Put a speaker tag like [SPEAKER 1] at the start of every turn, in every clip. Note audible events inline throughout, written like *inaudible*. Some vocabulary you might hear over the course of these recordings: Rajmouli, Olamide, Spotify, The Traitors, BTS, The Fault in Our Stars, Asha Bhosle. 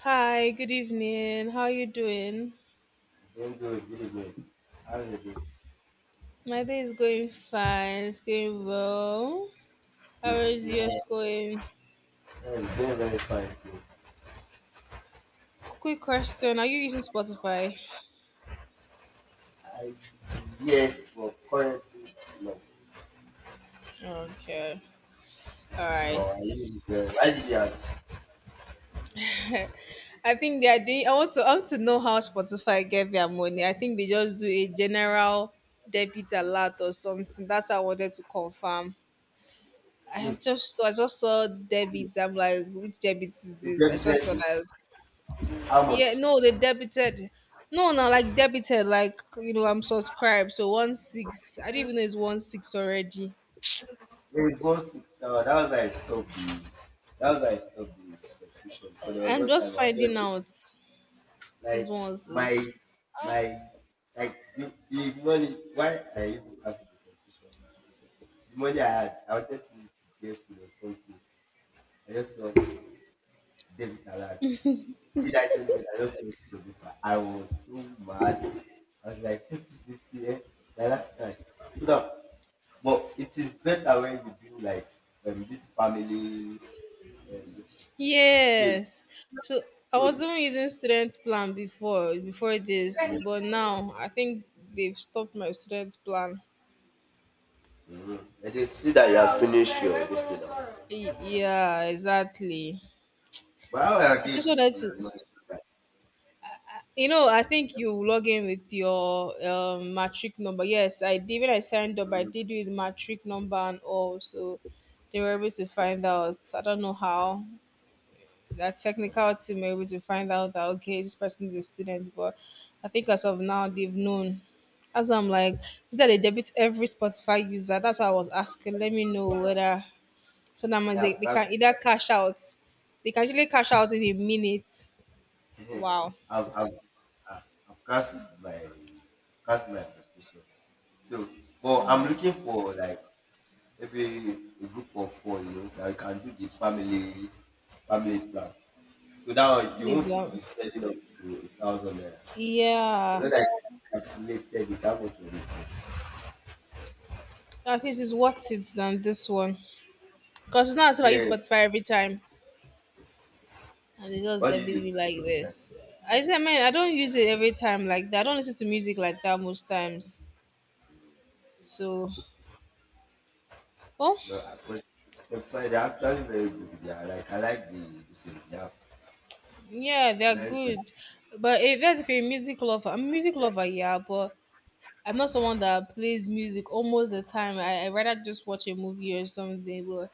[SPEAKER 1] Hi, good evening. How are you doing?
[SPEAKER 2] Doing good, really good. How's it going?
[SPEAKER 1] My day is going fine. It's going well. How
[SPEAKER 2] Good.
[SPEAKER 1] is
[SPEAKER 2] Yeah,
[SPEAKER 1] yours going?
[SPEAKER 2] I'm very, very fine too.
[SPEAKER 1] Quick question: Are you using Spotify?
[SPEAKER 2] I, yes, but currently, no.
[SPEAKER 1] Okay. All
[SPEAKER 2] No,
[SPEAKER 1] right.
[SPEAKER 2] I didn't get I did ask.
[SPEAKER 1] I think they are doing. I want to know how Spotify get their money. I think they just do a general debit alert or something. That's what I wanted to confirm. I
[SPEAKER 2] Look,
[SPEAKER 1] just. I just saw debit. I'm like, which debit is
[SPEAKER 2] the
[SPEAKER 1] this? I
[SPEAKER 2] debited
[SPEAKER 1] just saw
[SPEAKER 2] is
[SPEAKER 1] that.
[SPEAKER 2] how much?
[SPEAKER 1] Yeah, no, they debited. No, no, like debited, like I'm subscribed. So one six. I didn't even know it's one six already.
[SPEAKER 2] Maybe four six now. That was why I stopped the subscription because there was
[SPEAKER 1] I'm
[SPEAKER 2] one time I
[SPEAKER 1] just
[SPEAKER 2] was
[SPEAKER 1] finding
[SPEAKER 2] just
[SPEAKER 1] out it's
[SPEAKER 2] like
[SPEAKER 1] one
[SPEAKER 2] my
[SPEAKER 1] six.
[SPEAKER 2] my like the money why I even cancelled the subscription. The money I had, I wanted to use to get food or something. I just saw David Alert. Who did I say when I just saw this producer? I was so mad. I was like, what is this here? My last cash. So now, but it is better when you do like this family. This thing.
[SPEAKER 1] Yes. So I
[SPEAKER 2] So,
[SPEAKER 1] was
[SPEAKER 2] so
[SPEAKER 1] even using student plan before this, but now I think they've stopped my student plan.
[SPEAKER 2] mm-hmm. I just see that you have finished your this thing.
[SPEAKER 1] Yeah, exactly.
[SPEAKER 2] But how are
[SPEAKER 1] I
[SPEAKER 2] you
[SPEAKER 1] just
[SPEAKER 2] able
[SPEAKER 1] wanted
[SPEAKER 2] to
[SPEAKER 1] to.
[SPEAKER 2] know that?
[SPEAKER 1] I think you log in with your matric number. Yes, I did. When I signed up, I did with matric number and all, so they were able to find out. I don't know how that technical team were able to find out that okay, this person is a student, but I think as of now they've known. As I'm like, is that they debit every Spotify user? That's why I was asking. Let me know whether so that
[SPEAKER 2] They
[SPEAKER 1] means they,
[SPEAKER 2] have.
[SPEAKER 1] they can either cash out. They can actually cash out in a minute.
[SPEAKER 2] Yes.
[SPEAKER 1] Wow.
[SPEAKER 2] I've, I've, uh, I've cast my my suspicion. So, but I'm
[SPEAKER 1] Oh,
[SPEAKER 2] looking for like maybe a group of four, you know, that we can do the family plan. So now you
[SPEAKER 1] please. Yeah.
[SPEAKER 2] won't be spending up to a thousand naira.
[SPEAKER 1] Yeah,
[SPEAKER 2] But then I calculated it, how much will it is.
[SPEAKER 1] at least it's worth it than this one. Because it's not as if I use
[SPEAKER 2] Yes.
[SPEAKER 1] Spotify every time and it just
[SPEAKER 2] What do
[SPEAKER 1] debit me
[SPEAKER 2] you
[SPEAKER 1] like this. I said, man, I don't use it every time like that. I don't listen to music like that most times. So, oh,
[SPEAKER 2] no as much the fine they're actually very good. They are like I like the thing. They are
[SPEAKER 1] yeah, they're
[SPEAKER 2] very good.
[SPEAKER 1] good. But if you're a music lover, I'm a music lover, yeah, but I'm not someone that plays music almost the time. I rather just watch a movie or something. But,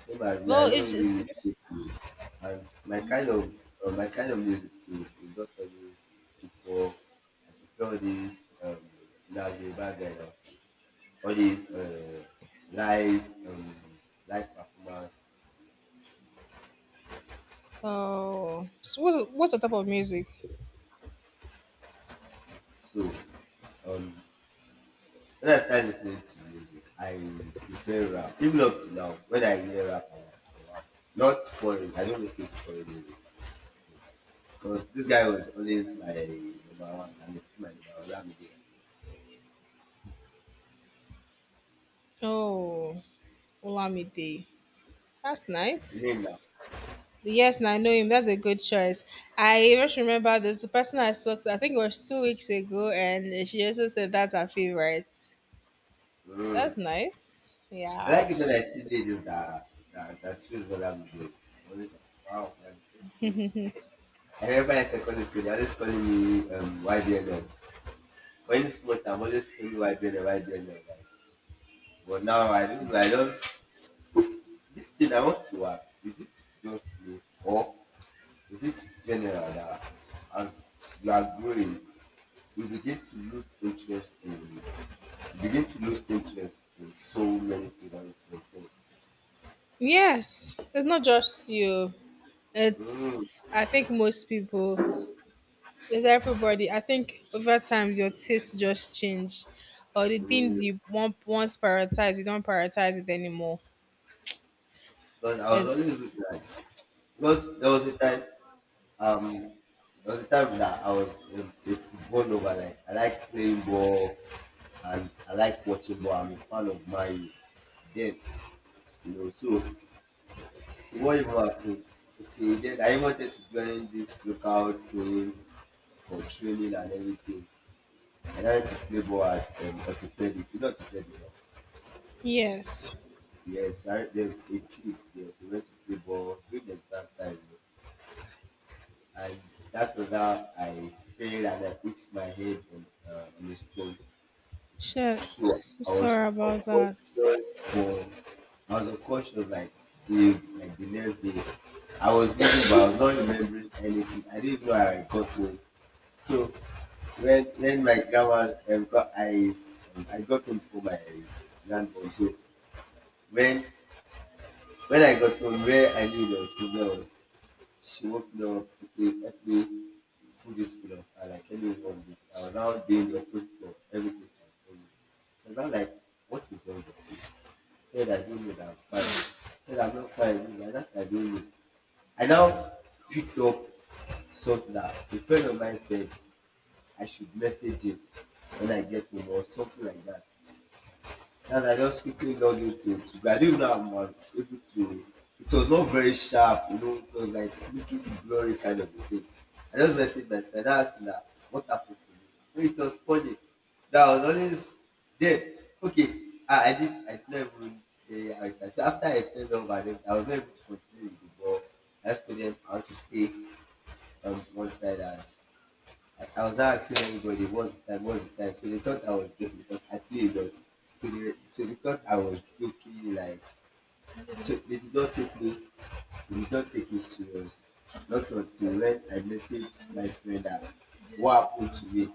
[SPEAKER 2] Same as me, I
[SPEAKER 1] well,
[SPEAKER 2] don't
[SPEAKER 1] it's.
[SPEAKER 2] really
[SPEAKER 1] It,
[SPEAKER 2] listen to and my kind of music too is not always football. I prefer all these that's the bad guy now. All these live live performance.
[SPEAKER 1] oh, so what's the type of music?
[SPEAKER 2] So um when I start listening to music, I prefer rap. Even up to now, when I hear rap, I'm like, "Oh, wow. Not foreign. I don't listen to foreign music because this guy was always my number one and he's still my number one. Lamide.
[SPEAKER 1] Oh, Olamide. That's nice.
[SPEAKER 2] You know.
[SPEAKER 1] Yes, now I know him. That's a good choice. I just remember there's a person I spoke to, I think it was 2 weeks ago, and she also said that's her favorite.
[SPEAKER 2] Mm.
[SPEAKER 1] That's nice.
[SPEAKER 2] I
[SPEAKER 1] Yeah.
[SPEAKER 2] like it when I see ladies that that choose what I'm doing. I'm always like, wow, man, so good. I remember in secondary school, they always calling me YBNL. When it's small, I'm always calling me YBNL, YBNL. Like, but now I don't know, I just, this thing I want to ask, is it just me or is it general that as you are growing, you begin to lose interest in so many things and so things.
[SPEAKER 1] Yes, it's not just you.
[SPEAKER 2] Mm,
[SPEAKER 1] It's, I think, most people. It's everybody. I think over time, your taste just change. Or the
[SPEAKER 2] mm.
[SPEAKER 1] things you want, once prioritize, you don't prioritize it anymore.
[SPEAKER 2] But I was always good
[SPEAKER 1] It's,
[SPEAKER 2] like because there was a time um there was a time that I was a football lover like I like playing ball and I like watching ball. I'm a fan of Man Then you know so what even happened? Okay, then I wanted to join this local training for training and everything. And I wanted to play ball at orthopedic, Not know, orthopedic. No?
[SPEAKER 1] yes.
[SPEAKER 2] Yes, I, there's a few. Yes, we went to play ball during the exam time, and that was how I failed and I hit my head on the stone.
[SPEAKER 1] Shit.
[SPEAKER 2] So
[SPEAKER 1] So
[SPEAKER 2] I was
[SPEAKER 1] sorry about that.
[SPEAKER 2] unconscious for I was unconscious like till like the next day. I was moving but I was not remembering anything. I didn't know I got home. So when my grandma got I got home for my grandmom. So when when I got home where I knew there was problem was Snoop Dogg became ethnic foodies of I like anyone this I was now doing the opposite of everything she was telling. She was now like, what is wrong with you? Said I don't know that I'm fine. Said I'm not fine. This is like, that's I don't know. I now picked up something that a friend of mine said I should message him when I get home or something like that, and I just quickly logged into it. But I didn't know I'm able to. It was not very sharp, you know. It was like looking blurry kind of a thing. I just messaged my friend. I asked him that what happened to me. No, it was funny. That I was always there. Okay, I did. I did not even say I was. So after I fell over, then I was not able to continue with the ball. I just told them how to stay on one side, and I was asking everybody what's the time, what's the time. So they thought I was joking because I play a lot. So they thought I was joking like so they did not take me serious. Not until when I messaged my friend that what happened to me.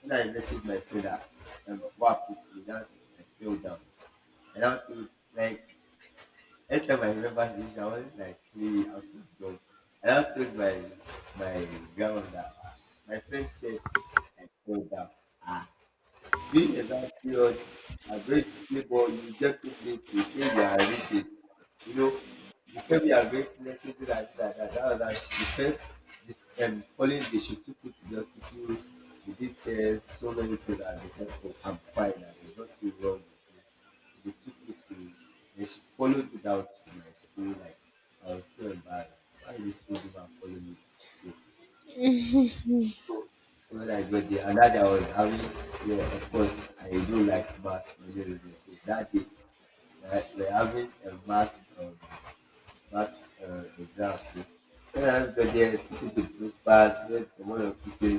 [SPEAKER 2] When I messaged my friend that what happened to me, that's it. I fell down. And I think like every time I remember his I was like, hey, I was so dumb. And I told my grandma that ah, my friend said I told her. Ah, during exam period, my great neighbor, you get good late, you say you are reading. You know, you can be a great lesson, do that was that. The first, following the shift, took me to the hospital, they did tests, so many things, and they said, oh, I'm fine, and there's nothing wrong with me. So they took me to, and she followed me down to my school, like, I was so embarrassed. Why is this old woman following me to school? When I got there, and that I was having, yeah, of course, I do like mass for you reason. So that day, we're having a mass, mass exam. When I got there, two people close pass, then someone one of they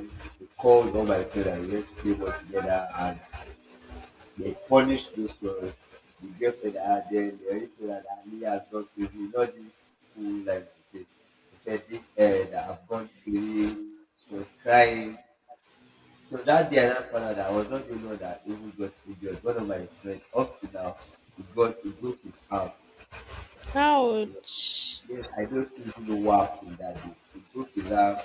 [SPEAKER 2] called all my friends and we went to play ball together and they punished those girls. The girlfriend I had then, they already told her that Ali has gone crazy, not this school like life. They said, that I've gone crazy. She was crying. So that day I just found out that I was not the only one that even got injured. One of my friends, up to now, he broke his arm. You know,
[SPEAKER 1] Ouch.
[SPEAKER 2] yes, I don't think he know what happened that day. He broke his arm.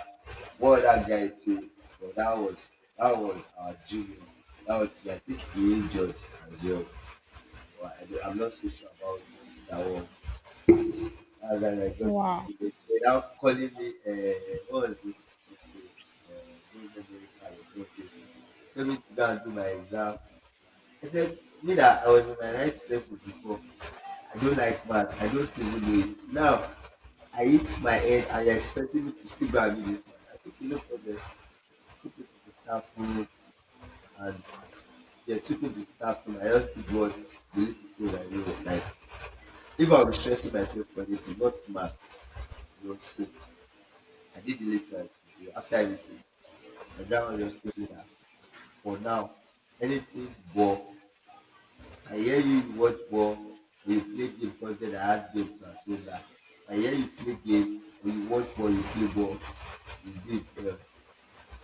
[SPEAKER 2] What that guy too, but that was our junior. That was I think he injured as well. But I, I'm not so sure about that one. As I got to
[SPEAKER 1] Wow.
[SPEAKER 2] school, they now calling me. What was this nickname? No memory card or something. Tell me to go and do my exam. I said, me that I was in my right senses before. I don't like maths. I don't still do it. Now, I hit my head and you're expecting me to still go and do this one. I said, okay, no problem. I took me to the staff room and yeah, took me to the staff room. I just did what the little thing I knew. Like, if I was stressing myself for anything, not maths, you know, so I did the little I could do. After everything, the ground just told me that for now, anything but I hear you watch ball or you play game because I add games to things like that. I hear you play game or you watch ball, you play ball. You indeed,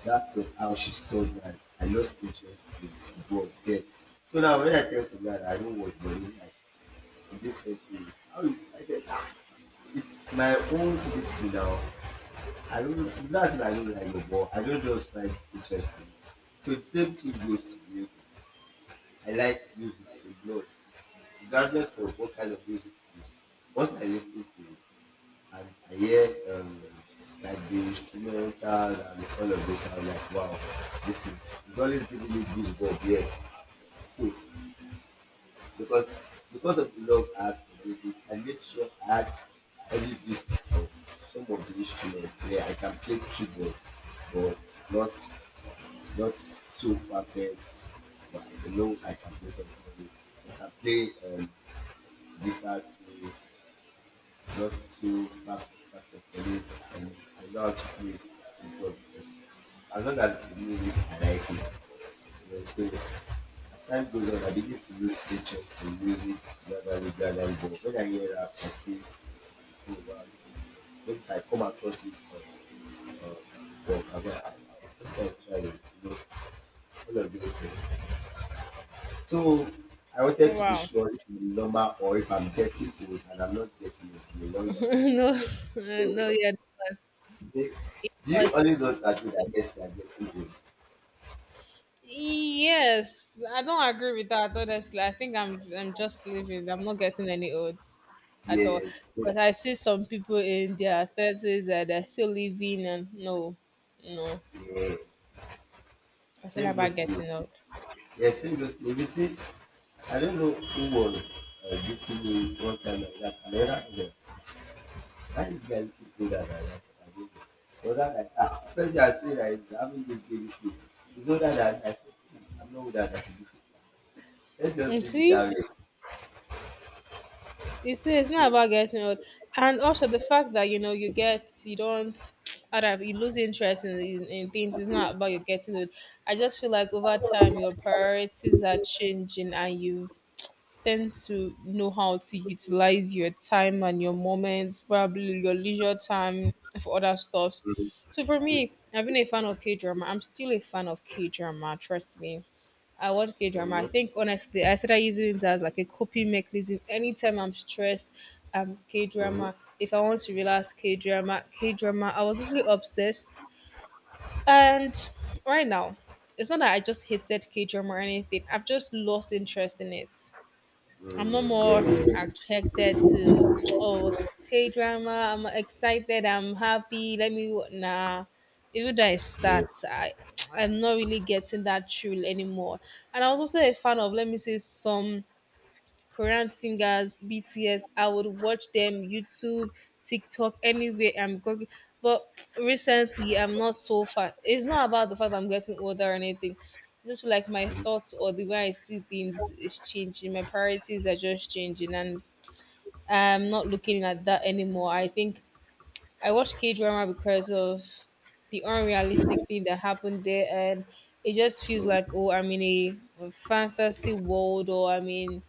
[SPEAKER 2] that was how she told me that I lost interest in football then. So now when I tell somebody that I don't watch ball, he's like, in this century, how you, I said, ah, it's my own destiny now. I don't, that's why I don't like your ball. I don't just find interest in it. So the same thing goes to music. I like music a lot, regardless of what kind of music it is. Once I listen to it, and I hear like the instrumental and all of this, I'm like, wow, this is it's always giving me goosebumps. Yeah, so because because of the love I had for music, I make sure I add every bit of some of the instruments. Yeah, I can play keyboard, but not not so perfect, but I can know I can play something. With. I can play guitar too, not too perfect, perfect for it, and I know how to play with God too. As long as the music, I like it. You know, so as time goes on, I begin to use features to music gradually, gradually. But when I hear rap, I still, oh wow, this is nice. But if I come across it on TikTok, I'm just gonna try it. You know, all of those things. So I wanted to be
[SPEAKER 1] Wow.
[SPEAKER 2] sure if I'm normal or if I'm getting old and I'm not getting old in a long
[SPEAKER 1] *laughs*
[SPEAKER 2] time.
[SPEAKER 1] No, *laughs* no,
[SPEAKER 2] So
[SPEAKER 1] yeah, it was.
[SPEAKER 2] do
[SPEAKER 1] It
[SPEAKER 2] do
[SPEAKER 1] was.
[SPEAKER 2] you always want to agree that yes, you are getting old?
[SPEAKER 1] Yes, I don't agree with that. Honestly, I think I'm just living. I'm not getting any old at all
[SPEAKER 2] Yes,
[SPEAKER 1] because I see some people in their thirties that they're still living, and no, no,
[SPEAKER 2] yeah.
[SPEAKER 1] it's not
[SPEAKER 2] Same goes
[SPEAKER 1] about
[SPEAKER 2] to you.
[SPEAKER 1] getting old.
[SPEAKER 2] Yes, same goes to me. You see, I don't know who was beating me one time like that. And then I was why did you keep older than that? And I said, I don't know. But that like, ah, especially I say that he's having this baby face. He's older than I said, please, I'm not older than you. *laughs* It just
[SPEAKER 1] Mm,
[SPEAKER 2] leave it that
[SPEAKER 1] You see, it's
[SPEAKER 2] way.
[SPEAKER 1] not about getting old, and also the fact that you get you don't, *tsk* I don't know, you lose interest in things. It's not about you getting old. I just feel like over time your priorities are changing, and you tend to know how to utilize your time and your moments, probably your leisure time for other stuffs. So for me, I've been a fan of K drama. I'm still a fan of K drama. Trust me. I watch K drama.
[SPEAKER 2] Hmm.
[SPEAKER 1] I think honestly, I started using it as like a coping mechanism. Anytime I'm stressed, K
[SPEAKER 2] Hmm.
[SPEAKER 1] drama. If I want to relax, K drama, K drama. I was literally obsessed. And right now, it's not that I just hated K drama or anything. I've just lost interest in it. I'm no more attracted to oh K drama. I'm excited. I'm happy. Let me nah. Even though I start, I *tsk* I'm not really getting that thrill anymore. And I was also a fan of let me say some. Korean singers, BTS, I would watch them YouTube, TikTok, anywhere I'm going. But recently, I'm not so far. It's not about the fact I'm getting older or anything. It's just like my thoughts or the way I see things is changing. My priorities are just changing, and I'm not looking at that anymore. I think I watch K drama because of the unrealistic thing that happened there, and it just feels
[SPEAKER 2] Hmm.
[SPEAKER 1] like oh, I'm in a fantasy world, or I'm in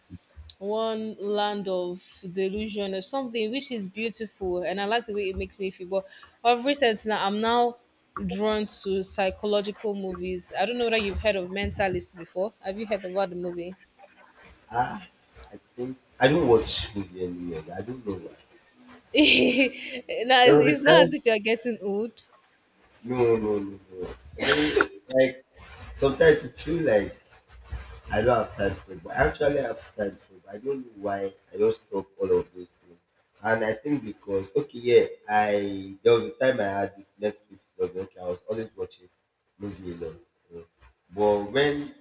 [SPEAKER 1] one land of delusion or something which is beautiful, and I like the way it makes me feel. But of recent, now I'm now drawn to psychological movies. I don't know whether you've heard of Mentalist before. Have you heard about the movie?
[SPEAKER 2] Ah, I think I don't watch movie anymore. I don't know why.
[SPEAKER 1] *laughs* Now it's,
[SPEAKER 2] There was a
[SPEAKER 1] it's not as
[SPEAKER 2] time.
[SPEAKER 1] if you're getting old
[SPEAKER 2] No, no, no, no. Like sometimes it feel like I don't have time for it, but actually I have time for it. I don't know why I don't stop all of those things. And I think because okay, yeah, I there was a time I had this Netflix log. Okay, I was always watching movie a lot. You know. But when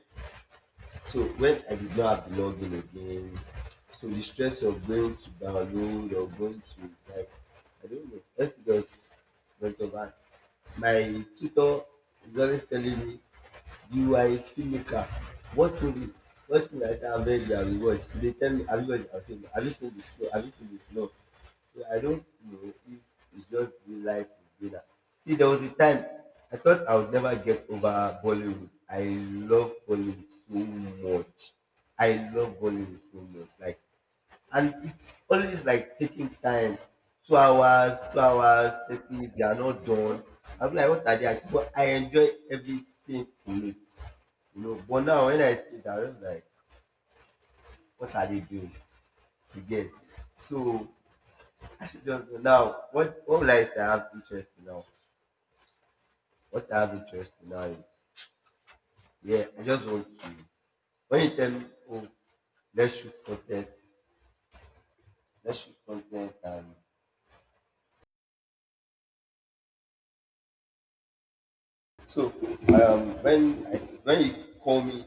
[SPEAKER 2] so when I did not have the login again, so the stress of going to download or going to like I don't know, everything just went over my tutor is always telling me, you are a filmmaker. What movie? What movie? I say, I've read the reward. They tell me, have you watched? I'll say, have you seen this? No. Have you seen this? No. So I don't know if it's just real life is better. See, there was a time I thought I would never get over Bollywood. I love Bollywood so much. I love Bollywood so much. Like and it's always like taking time 2 hours 30 minutes they are not done. I am like what are they at but I enjoy everything in it. You know but now when I see that I just like what are they doing you get so I should just go now what will I say I have interest in now. What I have interest in now is yeah I just want to when you tell me oh let's shoot content let's shoot content and so when you call me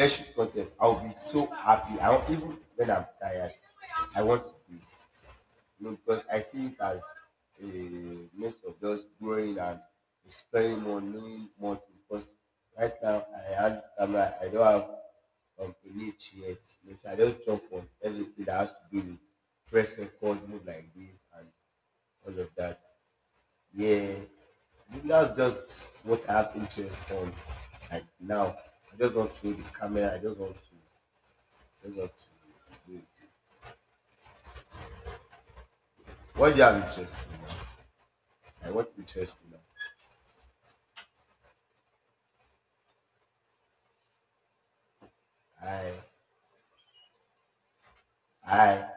[SPEAKER 2] let's shoot content. I'll be so happy. I don't, even when I'm tired, I want to do it. You know, because I see it as a means of just growing and exploring more, knowing more things. Because right now, I had, camera. I don't have a niche yet. You know, so I just jump on everything that has to do with press record, move like this, and all of that. Yeah, that's just what I have interest on. Like now, I just want to hold the camera. I just want to let's not waste it. What do you have interest in now? Like, what's interesting now? I, I.